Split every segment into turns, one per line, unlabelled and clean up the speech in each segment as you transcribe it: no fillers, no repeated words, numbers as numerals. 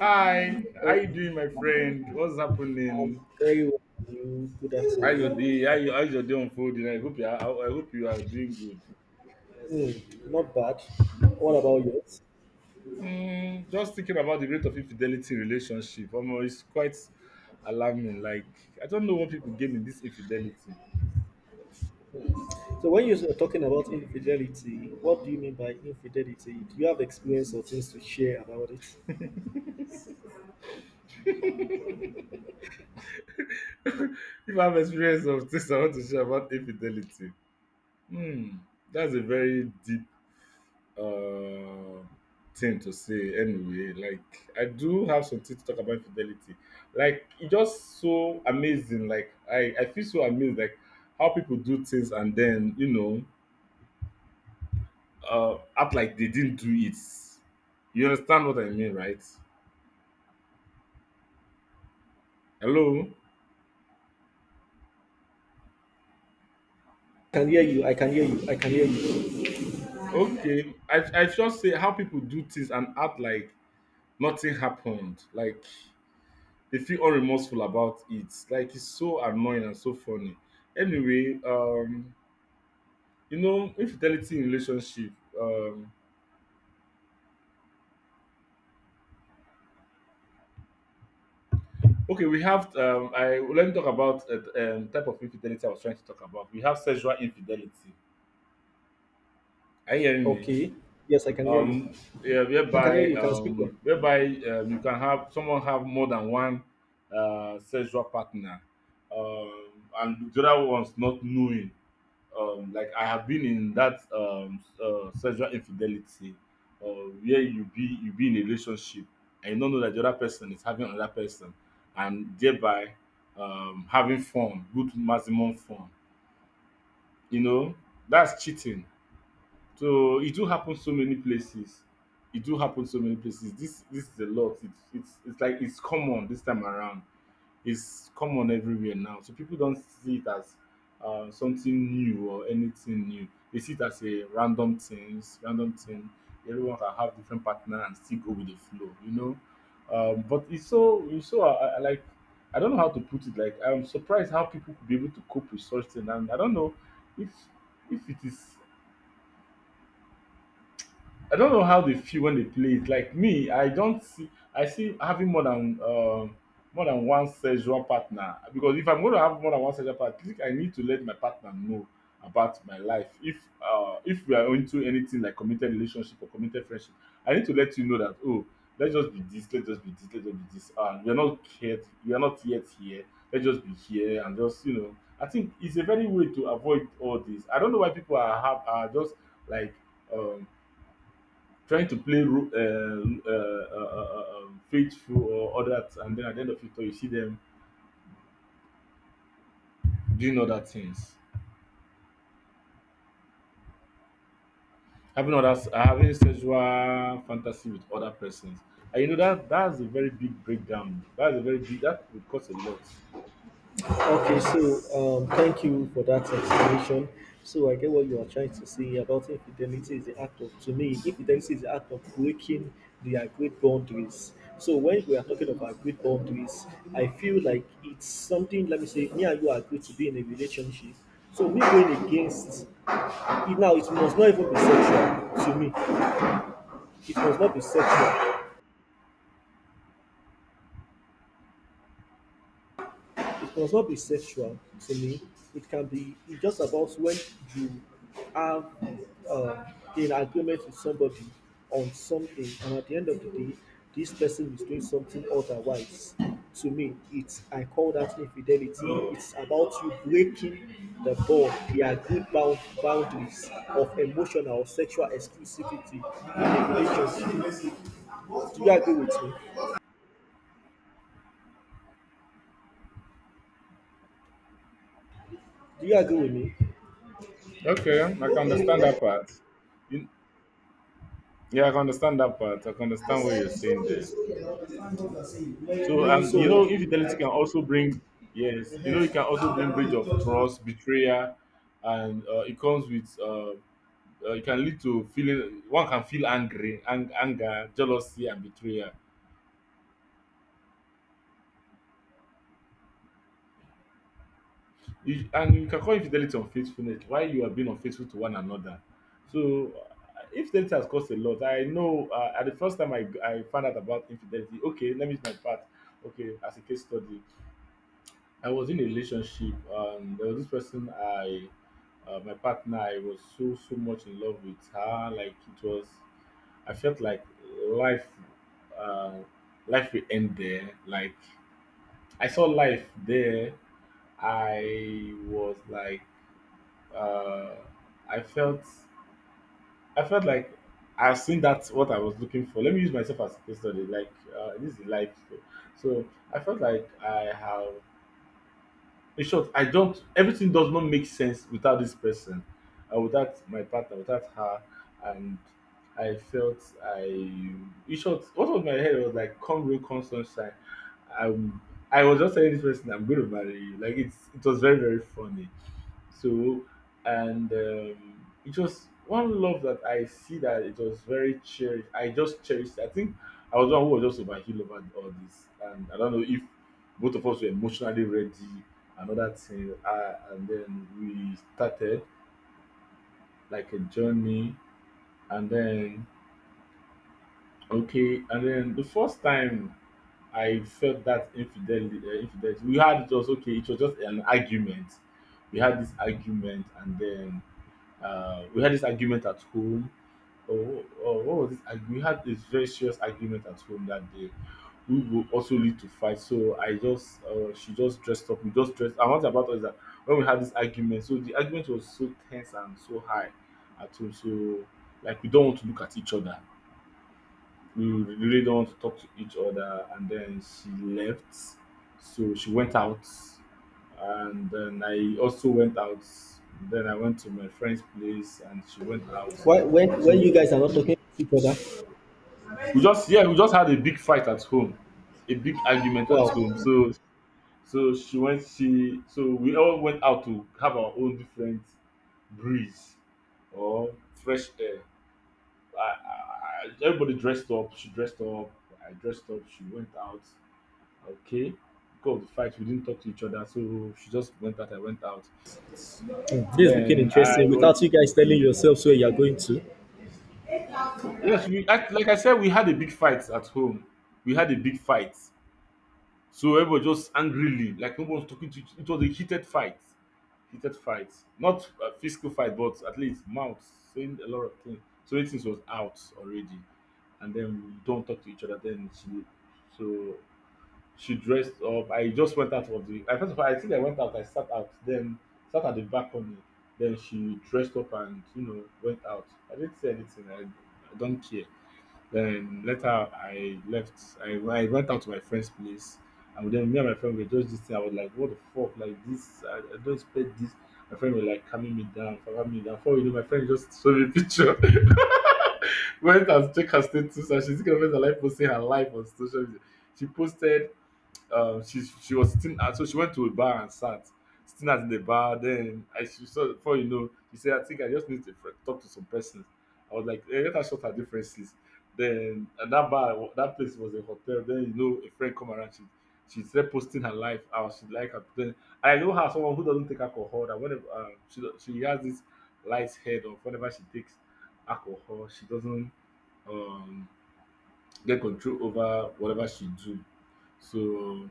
Hi, how you
Hey,
doing, my friend? What's
I'm
happening?
very well. And you? Good
How your
afternoon.
day? How's your day unfolding? I hope you are doing good.
Hmm, not bad. What about yours?
Just thinking about the rate of infidelity in relationship. Omo, it's quite alarming. Like I don't know what people gain in this infidelity.
So, when you're talking about infidelity, what do you mean by infidelity? Do you have experience or things to share about it?
If I have experience of this, I want to share about infidelity. Hmm, that's a very deep uh, thing to say anyway. Like I do have something to talk about infidelity. Like it's just so amazing. Like I feel so amazed, like how people do things and then act like they didn't do it. You understand what I mean, right? Hello?
I can hear you. I can hear you. I can hear you.
Okay. I just say how people do things and act like nothing happened. Like they feel unremorseful about it. Like it's so annoying and so funny. Anyway, infidelity in relationship. Um, okay, we have. I Let me talk about type of infidelity I was trying to talk about. We have sexual infidelity. Are you hearing me?
Okay. Yes, I can hear you.
Yeah,
I can hear
whereby,
you. Can speak well.
you can have someone have more than one sexual partner, um, and the other one's not knowing. Like I have been in that, sexual infidelity, or where you be in a relationship and you don't know that the other person is having another person, and thereby, having fun, good maximum fun, you know that's cheating. So it do happen so many places. It do happen so many places. This is a lot. It's like it's common this time around. Is common everywhere now. So people don't see it as something new or anything new. They see it as a random things, random thing. Everyone can have different partner and still go with the flow, But it's so, I like, I don't know how to put it. Like I'm surprised how people could be able to cope with such thing, and I don't know if if it is I don't know how they feel when they play it. Like me, I don't see. I see having more than, more than one sexual partner. Because if I'm going to have more than one sexual partner, I think I need to let my partner know about my life. If we are into anything like committed relationship or committed friendship, I need to let you know that, oh, let's just be this, let's just be this, let's just be this. And we are not yet here. Let's just be here and just. I think it's a very way to avoid all this. I don't know why people are just, like, um trying to play faithful or other, and then at the end of it all, you see them doing other things, having other, having sexual fantasy with other persons. And you know that that's a very big breakdown. That's a very big that would cost a lot.
Okay, so thank you for that explanation. So I get what you are trying to say about infidelity is the act of, to me, infidelity is the act of breaking the agreed boundaries. So when we are talking about agreed boundaries, I feel like it's something. Let me say, me and you agree to be in a relationship. So me going against it now, it must not even be sexual to me. It must not be sexual. It must not be sexual to me. It can be it's just about when you are uh, in agreement with somebody on something, and at the end of the day, this person is doing something otherwise. To me, it's I call that infidelity. It's about you breaking the bond, the agreed bound, boundaries of emotional or sexual exclusivity. Do you agree with me? Do you agree with
Okay, I can understand that
me?
part. You- yeah, I can understand that part. I can
I
understand what
said
you're
it's
saying
okay,
there.
it's okay. I understand what you're saying. When
So,
when you So talk So anything,
infidelity
right?
can also bring, yes,
Uh-huh.
it can also
Now they are
bring
not
breach
in
of
touch now.
trust, betrayal, and it comes with, it can lead to feeling, one can feel angry, anger, jealousy and betrayal. And you can call infidelity unfaithfulness, why you are being unfaithful to one another. So infidelity has caused a lot. I know, at the first time I found out about infidelity, okay, let me use my part, okay, as a case study. I was in a relationship. There was this person. I My partner, I was so much in love with her. Like it was, I felt like life, uh, life will end there. Like I saw life there. I was like, uh, I felt, I felt like I've seen, that's what I was looking for. Let me use myself as a case study. Like, this is life. So I felt like I have, in short, I don't everything does not make sense without this person, and without my partner, without her. And I felt I in short, what was, my head was like, come real, come sunshine. um I was just telling this person, I'm going to marry you. Like it was very, very funny. So, and it was one love that I see, that it was very cherished. I just cherished. I think I was the one who was just overhealed over all this, and I don't know if both of us were emotionally ready. Another thing, and then we started like a journey. And then, okay, and then the first time I felt that infidelity, we had just, okay, it was just an argument. We had this argument, and then, we had this argument at home. Oh, oh, what was this? We had this very serious argument at home that day. We will also lead to fight. So she just dressed up. We just dressed. And what about us is that when we had this argument, so the argument was so tense and so high at home. So, like, we don't want to look at each other. We really don't want to talk to each other. And then she left. So she went out. And then I also went out. Then I went to my friend's place and she went out.
Why, when you
So
guys are not talking to each other,
we just yeah, we just had a big fight at home, a big argument at home.
wow.
So so she went she so we all went out to have our own different breeze or fresh air. Everybody dressed up. She dressed up, I dressed up, she went out. Okay. Because of the fight, we didn't talk to each other, so she just went out. I went out.
Hmm, this is looking
Then I
interesting.
was
Without you guys telling yourselves where you are going to,
Yes, we act, like I said, we had a big fight at home. We had a big fight, so everybody just angrily, like no one was talking to each. It was a heated fight, not a physical fight, but at least mouth, saying a lot of things. So things was out already, and then we don't talk to each other. Then, so she dressed up. I just went out of the, I first of all, I think I went out. I sat out. Then sat at the balcony. Then she dressed up and, went out. I didn't say anything. I don't care. Then later I left. I went out to my friend's place. And then me and my friend were just this thing. I was like, what the fuck? Like this? I don't expect this. My friend was like calming me down, calming me down. Before you know, my friend just showed me a picture. Went and checked her status, and she's gonna her life, posting her life on social media. She posted, she was sitting at, so she went to a bar and sat, sitting at the bar. Then I she saw, before you know, she said, I think I just need to talk to some persons. I was like, hey, let her short her differences. Then at that place was a hotel. Then, a friend come around. She started posting her life, how she, like, her. Then I know her as someone who doesn't take alcohol, that whenever she has this light head of whenever she takes alcohol, she doesn't um get control over whatever she do. So,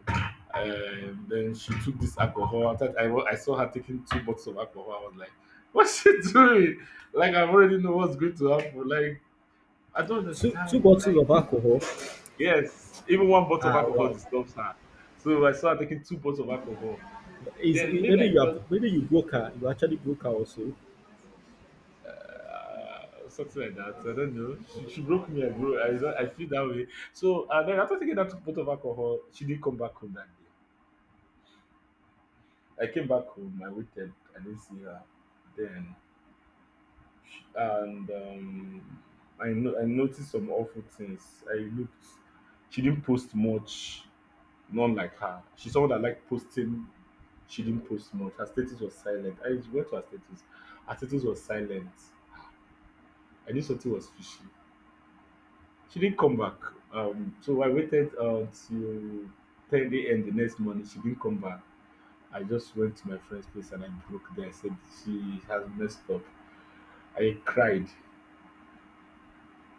then she took this alcohol. After that, I saw her taking two bottles of alcohol. I was like, what's she doing? Like, I already know what's going to happen. Like, I don't
two
understand.
bottles
Like,
of alcohol.
yes, even one bottle of
Ah,
alcohol
wow.
disturbs her. So I saw her taking two bottles of alcohol.
Is
Then
it-
maybe
maybe
I
you are
felt
maybe you broke her. You actually broke her also.
something like that. I don't know. She broke me, bro. I, don't- I feel that way. So, then after taking that two bottles of alcohol, she didn't come back home that day. I came back home. I waited. I didn't see her. Then, and I no- I noticed some awful things. I looked. She didn't post much. Not like her. She's someone that like posting. She didn't post much. Her status was silent. I went to her status. Her status was silent. I knew something was fishy. She didn't come back. So I waited till 10 a.m. the next morning. She didn't come back. I just went to my friend's place and I broke there. I said she has messed up. I cried.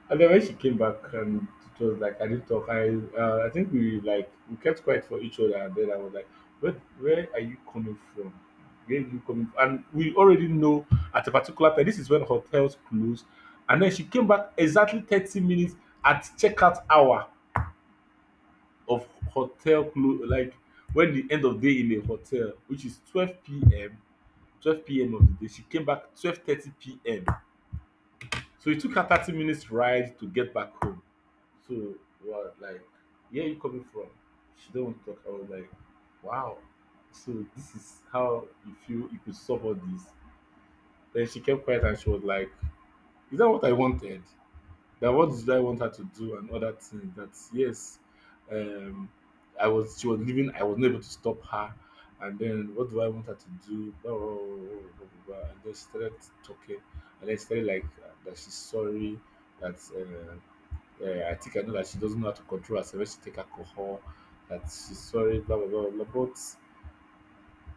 And then when she came back, and it was like I didn't talk. I think we kept quiet for each other, and then I was like, Where where are you coming from? Where are you coming from? And we already know at a particular time this is when hotels close. And then she came back exactly 30 minutes at checkout hour of hotel close, like when the end of day in a hotel, which is 12 p.m. of the day. She came back 12:30 p.m. So it took her 30 minutes ride to get back home. So what, like, where are you coming from? She don't want to talk. I was like, wow. So this is how you feel you could solve all this. Then she kept quiet and she was like, is that what I wanted? That what did I want her to do and other things? That yes, um I was she was leaving, I wasn't able to stop her. And then what do I want her to do? Blah, blah, blah, blah, blah, blah. And then she started talking, and then she started like that she's sorry, that uh, yeah, I think I know that she doesn't know how to control herself when she take alcohol, that she's sorry, blah blah blah blah blah. But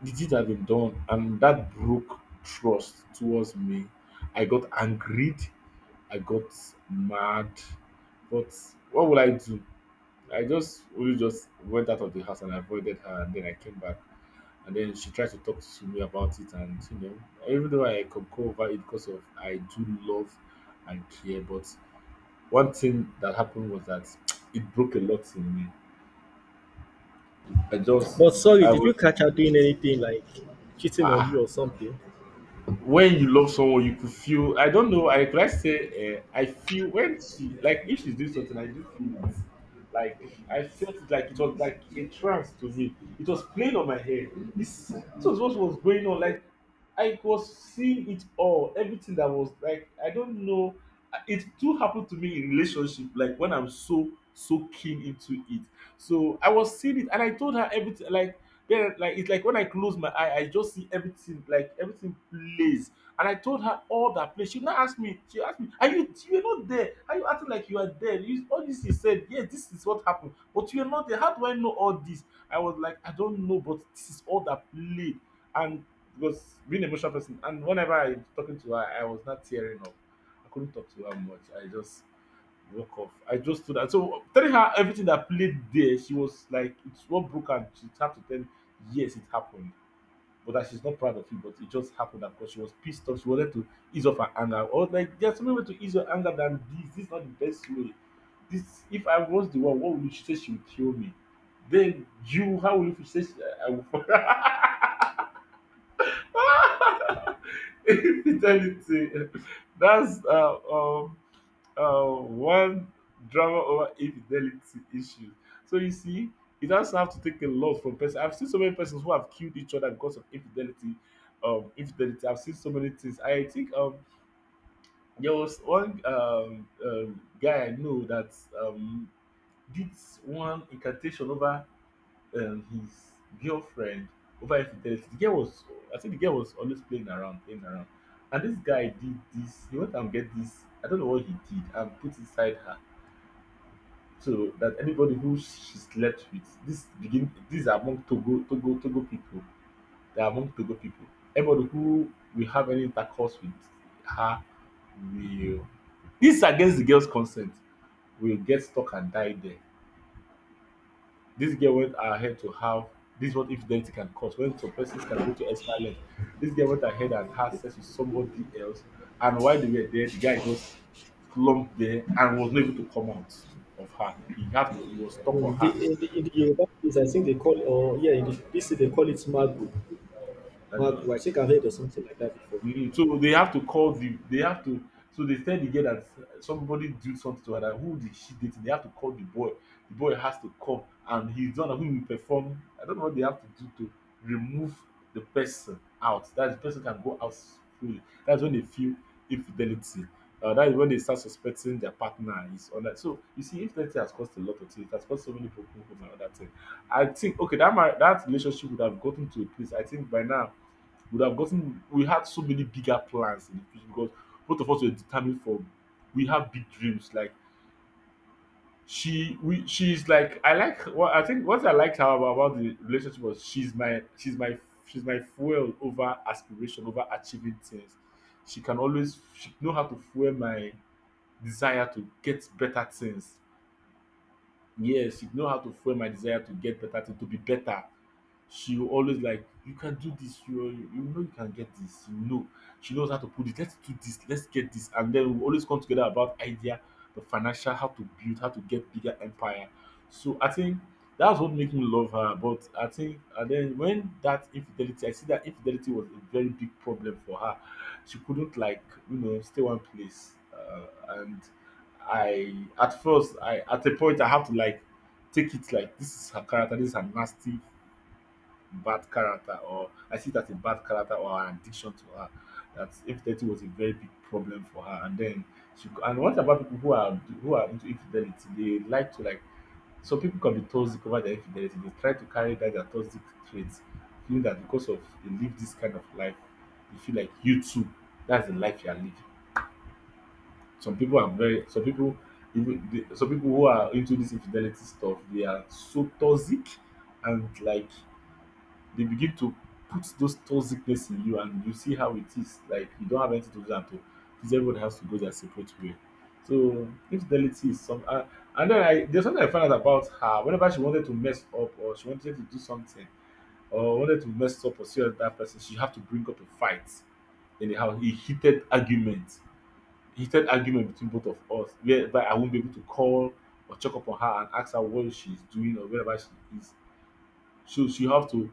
the deed had been done, and that broke trust towards me. I got angered, I got mad, but what would I do? I just only just went out of the house and avoided her, and then I came back, and then she tried to talk to me about it, and you know, even though I could go over it because of I do love and care, but one thing that happened was that it broke a lot in me. I just
But sorry,
I
did
would
you catch her doing anything like cheating on you
I
or something?
When you love someone you could feel. I don't know, I could I say I feel when she, like, if she's doing something I do feel it. Like, I felt it, like it was like a trance to me. It was playing on my head. This was what was going on. Like, I was seeing it all, everything that was like, I don't know. It too happened to me in relationship, like when I'm so keen into it. So I was seeing it and I told her everything. Like, then, like, it's like when I close my eye, I just see everything, like everything plays. And I told her all that place. She asked me, are you were not there? Are you acting like you are there? You, all this you said, yeah, this is what happened. But you are not there. How do I know all this? I was like, I don't know, but this is all that played. And because being an emotional person, and whenever I talking to her, I was not tearing up. I couldn't talk to her much. I just walk off. I just stood, and so telling her everything that played there, she was like, it's what broke her. She had to tell me, yes, it happened. But that she's not proud of it, but it just happened because she was pissed off. She wanted to ease off her anger. Or like, there's no way to ease your anger than this. This is not the best way. This, if I was the one, what would you, she say she would kill me? Then you, how will you, she say she, I will if you tell it to- that's one drama over infidelity issue. So you see, it doesn't have to take a lot from person. I've seen so many persons who have killed each other because of infidelity. Infidelity. I've seen so many things. I think there was one guy I know that um, did one incantation over his girlfriend over infidelity. The girl was, I think the girl was always playing around, playing around. And this guy did this. He went and get this. I don't know what he did and put inside her so that anybody who she slept with, this begin, these are among Togo people. They are among Togo people. Anybody who will have any intercourse with her will, this is against the girl's consent, will get stuck and die there. This girl went ahead to have, this is what infidelity can cause when some persons can go to extra length. This girl went ahead and had sex with somebody else, and while they were there, the guy just slumped there and was not able to come out of her. He have to he was stuck for
Hmm,
her.
in the Yoruba place, I think they call or yeah, in the, this they call it magu.
I
Mark,
don't,
I think I heard of something like that before.
so they have to call the, they have to, so they tell the girl that somebody did something to her, that who did she date? They have to call the boy. The boy has to come and he's done, one who will perform. I don't know what they have to do to remove the person out, that the person can go out freely. That's when they feel infidelity. That is when they start suspecting their partner is on that. So you see, infidelity has caused a lot of things. It has caused so many broken homes and other things. I think okay, that my, that relationship would have gotten to a place. I think by now would have gotten, we had so many bigger plans in the future because both of us were determined for, we have big dreams, like, she, we, she's like, I like what, I think what I liked her about, the relationship, was she's my fuel over aspiration, over achieving things. She can always, she know how to fuel my desire to get better things. Yes, she know how to fuel my desire to get better, to be better. She will always like, you can do this, you, you know you can get this, you know. She knows how to put it, let's do this, let's get this. And then we always come together about idea, the financial, how to build, how to get bigger empire. So I think that's what makes me love her. But I think, and then when that infidelity, I see that infidelity was a very big problem for her. She couldn't like, stay one place. And I at first, I at a point I have to like take it like this is her character, this is her nasty bad character, or I see that a bad character or an addiction to her. That infidelity was a very big problem for her, and then and what about people who are into infidelity? They like to, like, some people can be toxic over their infidelity. They try to carry that, their toxic traits, feeling that because of they live this kind of life, they feel like you too. That's the life you are living. Some people are very, some people even the, some people who are into this infidelity stuff, they are so toxic and like they begin to put those toxicness in you, and you see how it is. Like, you don't have anything to do and to, because everybody has to go their separate way. So infidelity is some and then I, there's something I found out about her. Whenever she wanted to mess up or she wanted to do something, or wanted to mess up or see that person, she have to bring up a fight in the house, a heated argument between both of us whereby I won't be able to call or check up on her and ask her what she's doing or wherever she is. So she have to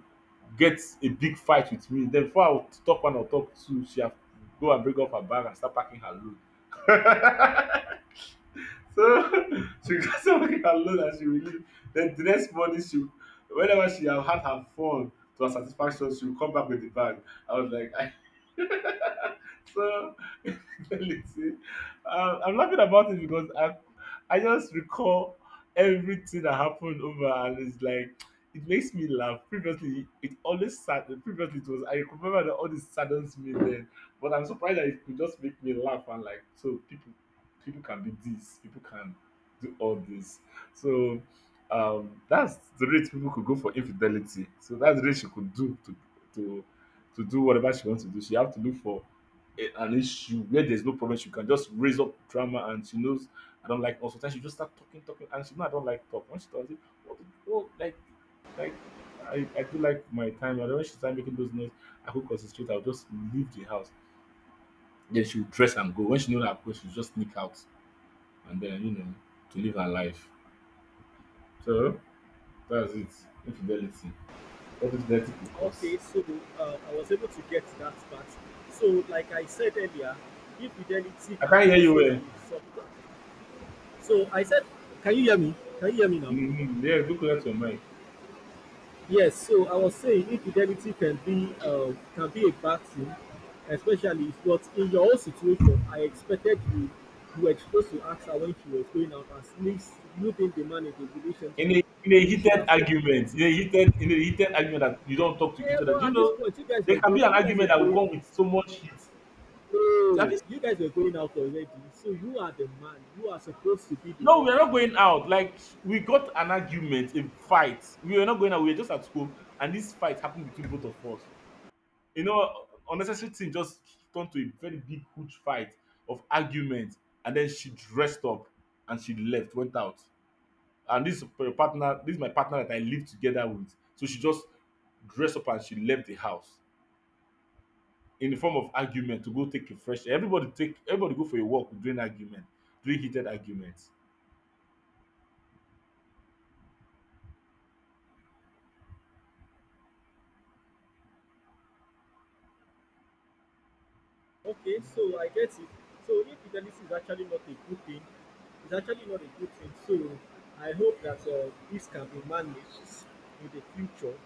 get a big fight with me. Then before I would talk one or talk two, she have to go and break up her bag and start packing her load. So she go start packing her load and she will leave. Then the next morning she, whenever she have had her fun to her satisfaction, she will come back with the bag. I was like, I so infidelity. I'm laughing about it because I just recall everything that happened over, and it's like it makes me laugh. Previously, it always sad. Previously, it was, I remember that all this saddens me then, but I'm surprised that it could just make me laugh. And like, so people, people can be this, people can do all this. So that's the rate people could go for infidelity. So that's the rate she could do to, to to do whatever she wants to do. She have to look for an issue where there's no problem, she can just raise up drama, and she knows I don't like. Also sometimes she just start talking, talking and she know I don't like talk. When she does it, what do oh like I do like my time, and when she start making those noise, I could concentrate, I'll just leave the house. Then she'll dress and go. When she know that approach, she'll just sneak out and then to live her life. So that's it. Infidelity. What infidelity could cause.
Okay, so I was able to get that part. So, like I said earlier, infidelity
I
can
can't hear you
also
well.
be subtle. So I said, can you hear me? Can you hear me now?
Mm, yeah, do clear to your mic.
Yes. So I was saying infidelity can be a bad thing, especially if what in your own situation, I expected you you were supposed to ask her when she was going out, and since you didn't demand a
in
relationship,
a in a
you should
heated
have spoken.
argument, in a heated argument that you don't talk to
Eh,
each other, do
but
you
at this
know
point,
there can be an
you guys
argument
were
that will
going.
come with so much heat. At
No,
least,
you guys were going out already. So you are the man. You are supposed to be the
no, we
one
are not
to.
going out, like, we got an argument, a fight. We were not going out, we were just at home, and this fight happened between both of us. You know, unnecessary thing just turned to a very big huge fight of argument. And then she dressed up and she left, went out. And this partner, this is my partner that I live together with, so she just dressed up and she left the house in the form of argument to go take a fresh air. Everybody take, everybody go for a walk during argument, during heated arguments.
Okay, so I get it. So if fidelity is actually not a good thing, it's actually not a good thing. So I hope that this can be managed in the future.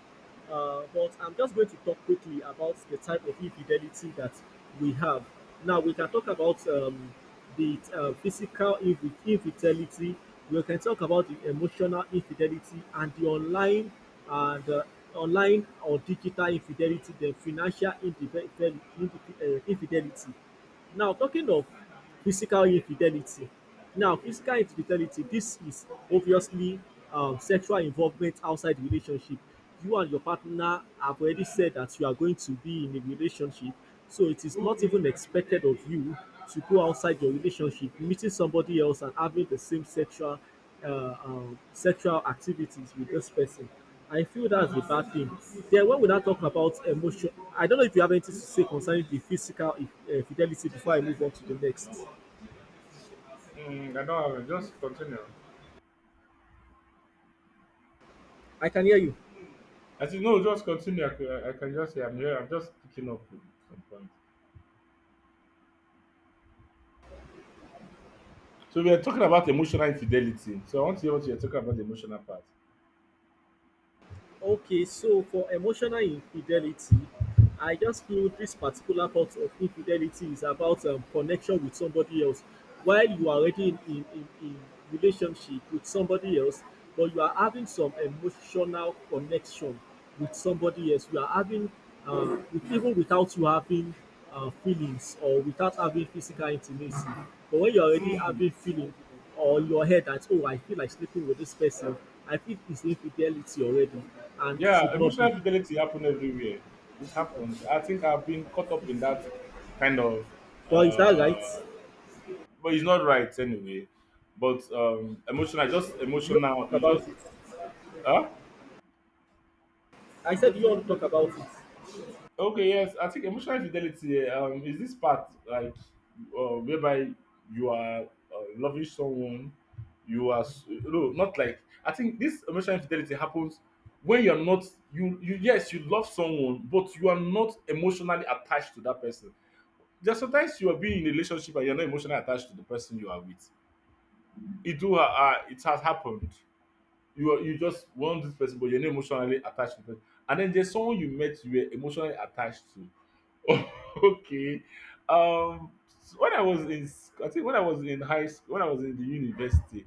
But I'm just going to talk quickly about the type of infidelity that we have. Now we can talk about the physical infidelity. We can talk about the emotional infidelity and the online and online or digital infidelity, the financial infidelity. Now, talking of physical infidelity, now physical infidelity, this is obviously sexual involvement outside the relationship. You and your partner have already said that you are going to be in a relationship, so it is not even expected of you to go outside your relationship, meeting somebody else and having the same sexual sexual activities with this person. I feel that's a bad thing. Then when we now talk about emotion, I don't know if you have anything to say concerning the physical fidelity before I move on to the next.
Mm, I don't have it. Just continue.
I can hear you.
I said, no, just continue. I, I can just say I'm here. I'm just picking up with some points. So we are talking about emotional infidelity. So I want to hear what you're talking about the emotional part.
Okay, so for emotional infidelity, I just feel this particular part of infidelity is about connection with somebody else. While you are already in relationship with somebody else, but you are having some emotional connection with somebody else. You are having, with, even without you having feelings or without having physical intimacy. But when you are already
Mm,
having feeling, or your head that oh, I feel like sleeping with this person, I feel it's infidelity already and
yeah,
should not
emotional
be.
infidelity happen everywhere. It happens. I think I've been caught up in that kind of,
Well, is that
uh,
right?
but it's not right anyway. But emotional, just
Do you
emotional.
want to talk
You just,
about it?
huh?
I said, do you want to talk about it?
Okay, yes, I think emotional fidelity is this part like whereby you are loving someone, you are no, not like. I think this emotional infidelity happens when you're not. You yes, you love someone but you are not emotionally attached to that person. There's sometimes you are being in a relationship and you're not emotionally attached to the person you are with. It do it has happened. You are, you just want this person but you're not emotionally attached to the person. And then there's someone you met, you were emotionally attached to. Okay. Um, so when I was in, I think when I was in high school, when I was in the university,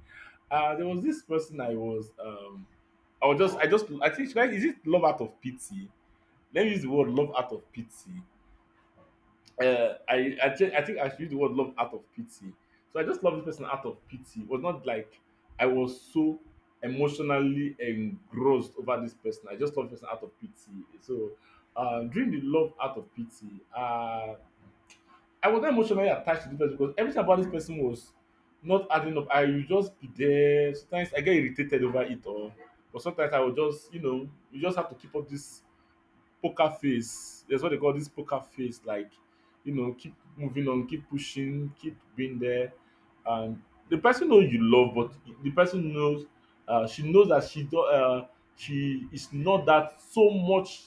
there was this person I was just, I think, should I, is it love out of pity? Let me use the word love out of pity. I think I should use the word love out of pity. So I just love this person out of pity. It was not like I was so emotionally engrossed over this person. I just love this person out of pity. So during the love out of pity, I was not emotionally attached to the person because everything about this person was not adding up. I would just be there. Sometimes I get irritated over it, or but sometimes I would just, you know, you just have to keep up this poker face. That's what they call this poker face. Like, you know, keep moving on, keep pushing, keep being there. And the person knows you love, but the person knows she knows that she do, she is not that so much.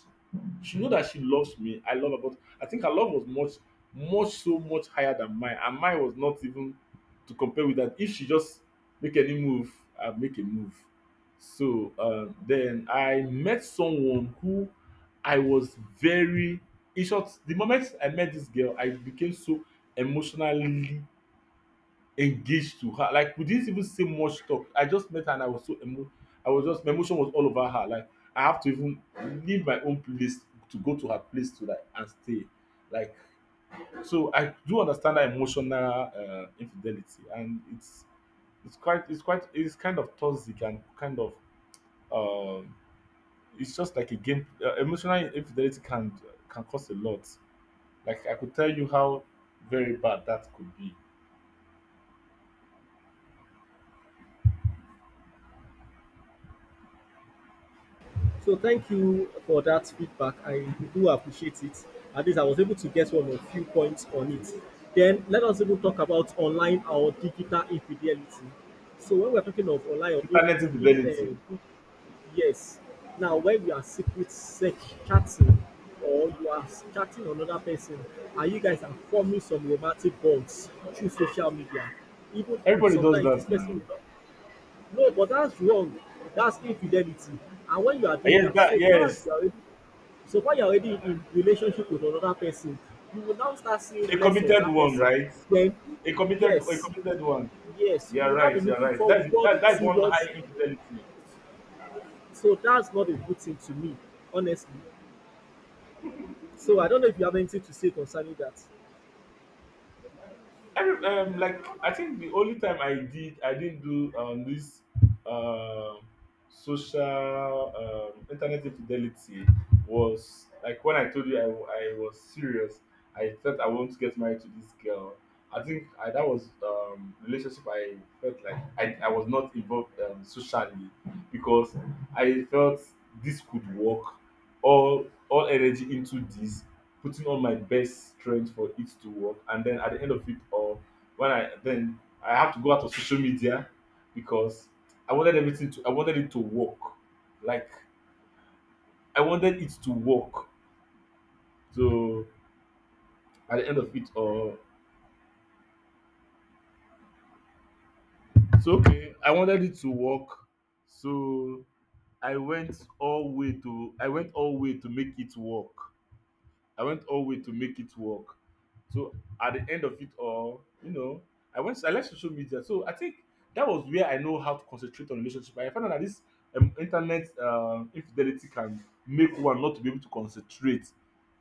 She knows that she loves me. I love her, but I think her love was much, much so much higher than mine, and mine was not even to compare with that. If she just make any move, I make a move. So then I met someone who I was very, in short, the moment I met this girl, I became so emotionally engaged to her. Like we didn't even say much talk. I just met her and I was so emo. I was just, my emotion was all over her. Like I have to even leave my own place to go to her place to like and stay. Like, so, I do understand that emotional infidelity, and it's quite it's kind of toxic and kind of um it's just like a game. Emotional infidelity can cost a lot. Like I could tell you how very bad that could be.
So thank you for that feedback. I do appreciate it. At least I was able to get one or few points on it. Then let us even talk about online or digital infidelity. So when we're talking of online or digital,
Internet infidelity.
eh, yes. Now, when you are secret sec chatting or you are chatting another person and you guys are forming some romantic bonds through social media, even if
Everybody does
sometimes this
that
person
now.
will not. No, but that's wrong. That's infidelity. And when you are
Ah,
doing
yes,
that,
that, yes.
so far you are already in relationship with another person, you will now start seeing
A
less of
committed
that
one,
person.
right?
Then,
A committed a
yes,
committed one.
yes,
You
you
are
will now be
right, you are
looking
right.
forward
That's that, that's one high
towards.
infidelity.
So that's not a good thing to me, honestly. So I don't know if you have anything to say concerning that.
Every like I think the only time I did, I didn't do this um social internet infidelity was like when I told you I was serious. I thought I want to get married to this girl. I think that was relationship. I felt like I was not involved, socially, because I felt this could work, all energy into this, putting all my best strength for it to work. And then at the end of it all, when I then I have to go out of social media because I wanted everything to. I wanted it to work. Like I wanted it to work. So at the end of it all, so okay, I wanted it to work. So I went all way to make it work. I went all way to make it work. So at the end of it all, you know, I went. I left social media. So I think that was where I know how to concentrate on relationship. I found out that this internet infidelity can make one not to be able to concentrate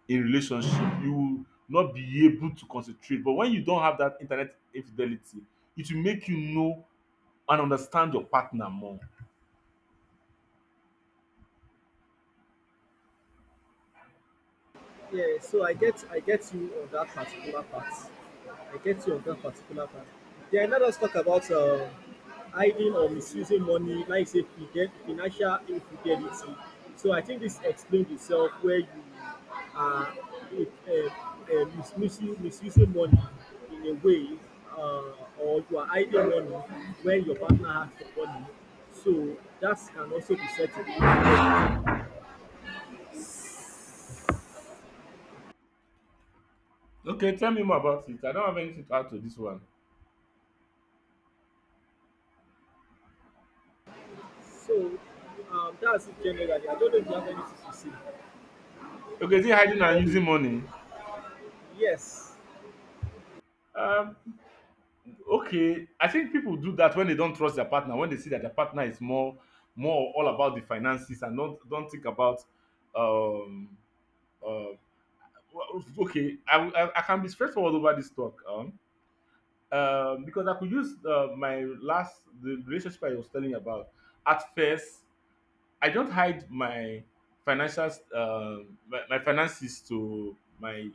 in relationship. You will not be able to concentrate. But when you don't have that internet infidelity, it will make you know and understand your partner more.
Yeah, so I get you on that particular part. I get you on that particular part. Then let us talk about hiding or misusing money, like say financial infidelity. So I think this explains itself where you are if, uh, mis- misu- misusing money in a way uh, or you are hiding money when your partner has the money. So that can also be said to be infidelity.
Okay, tell me more about it. I don't have anything to add to this one.
So that's it generally. I don't know if you have anything to say.
Okay, is it hiding and
Before we-
using money?
yes.
Um, Okay, I think people do that when they don't trust their partner, when they see that their partner is more all about the finances and don't think about um uh well, okay, I can be straightforward over this talk because I could use my last, the relationship I was telling you about. At first, I don't hide my financial my finances to my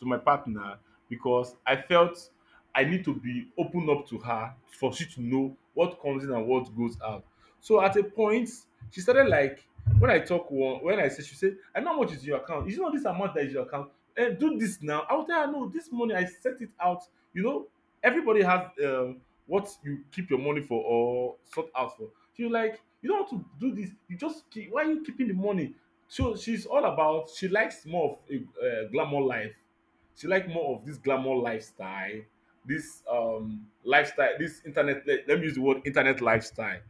partner because I felt I need to be open up to her for she to know what comes in and what goes out. So at a point, she started like, when I talk one, when I say, she said, I know how much is your account. Is it not this amount that is your account? Eh, do this now. I will tell her, no, this money I set it out. You know, everybody has what you keep your money for or sort out for. She was like, you don't want to do this. You just keep. Why are you keeping the money? So she's all about, she likes more of a glamour life, she like more of this glamour lifestyle, this internet. Let me use the word internet lifestyle.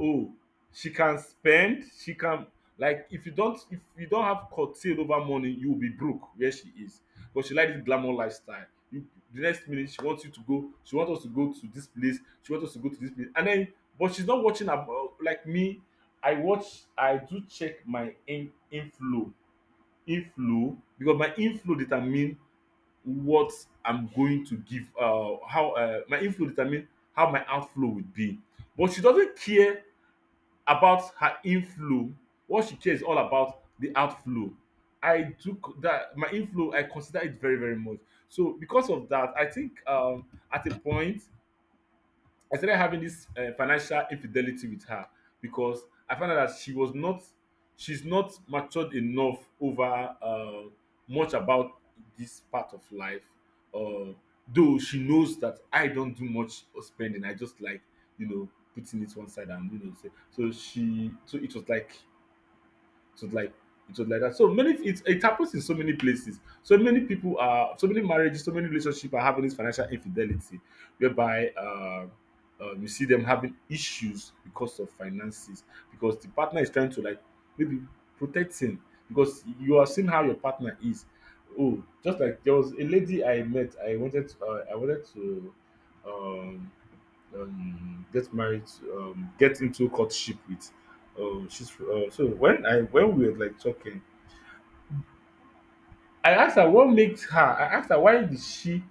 Oh, she can spend. She can, like, if you don't have curtailed over money, you will be broke where she is. But she like this glamour lifestyle. You, the next minute she wants you to go. She wants us to go to this place. She wants us to go to this place. And then, but she's not watching about, like me, I watch. I do check my inflow, because my inflow determine what I'm going to give, how my inflow determine how my outflow would be. But she doesn't care about her inflow. What she cares all about the outflow. I took that my inflow. I consider it very very much. So because of that, I think at a point I started having this financial infidelity with her because I found out that she was not, she's not matured enough over uh, much about this part of life. Uh, though she knows that I don't do much of spending, I just like, you know, putting it one side and, you know, say so she, so it was like, it was like it was like that. So many, it happens in so many places. So many people are, so many marriages, so many relationships are having this financial infidelity, whereby you see them having issues because of finances, because the partner is trying to like maybe protect him because you are seeing how your partner is. Oh, just like there was a lady I met. I wanted to um get married, get into courtship with. She's so when I when we were like talking, I asked her what makes her. I asked her why did she.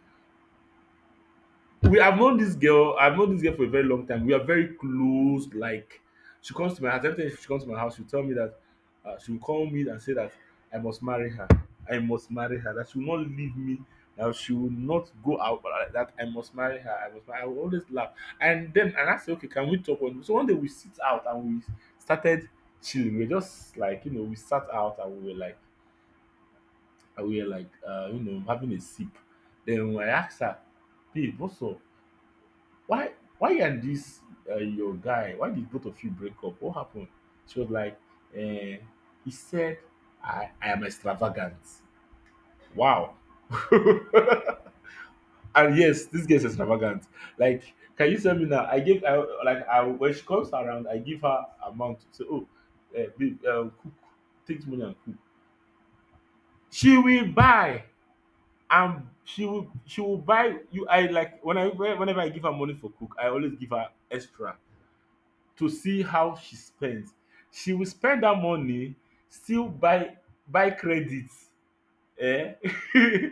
We have known this girl, I've known this girl for a very long time. We are very close, like, she comes to my house, every time she comes to my house, she'll tell me that, she'll call me and say that I must marry her, I must marry her, that she will not leave me, that she will not go out, but, that I must marry her, I must marry. I will always laugh. And then and I say, "Okay, can we talk on?" So one day we sit out and we started chilling. We were just like, you know, we sat out and we were like, you know, having a sip. Then I asked her, "Babe, what's up? Why why are this, your guy, why did both of you break up, what happened?" She was like, eh, he said I am extravagant. Wow. And yes, this girl is extravagant. Like, can you tell me? Now, I give I like, I when she comes around, I give her amount, say, oh, eh, babe, cook. Take money and cook. She will buy, and she will buy you. I, like when I, whenever I give her money for cook, I always give her extra to see how she spends. She will spend that money, still buy credits, eh,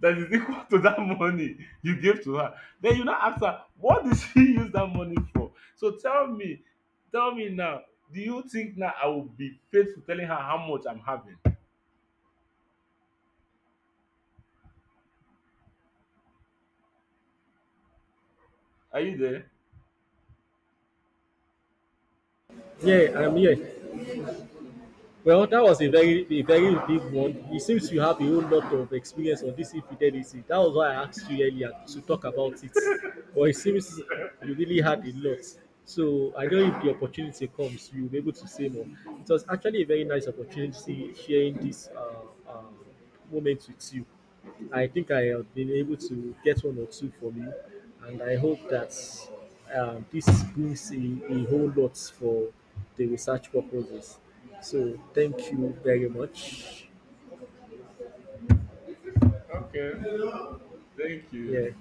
that is equal to that money you gave to her. Then you now ask her, what did she use that money for? So tell me now, do you think now I will be faithful telling her how much I'm having? Are you there?
Yeah, I'm here. Well, that was
So,
a very big one. It seems you have a whole lot of experience on this infidelity. That was why I asked you earlier to talk about it. But it seems you really had a
please.
lot. So I know if the opportunity comes, you'll be able to say more. It was actually a very nice opportunity sharing this moment with you. I think I have been able to get one or two from you, and I hope that this brings a whole lot for the research purposes. So, thank you very much.
Okay. Thank
Yeah.
you.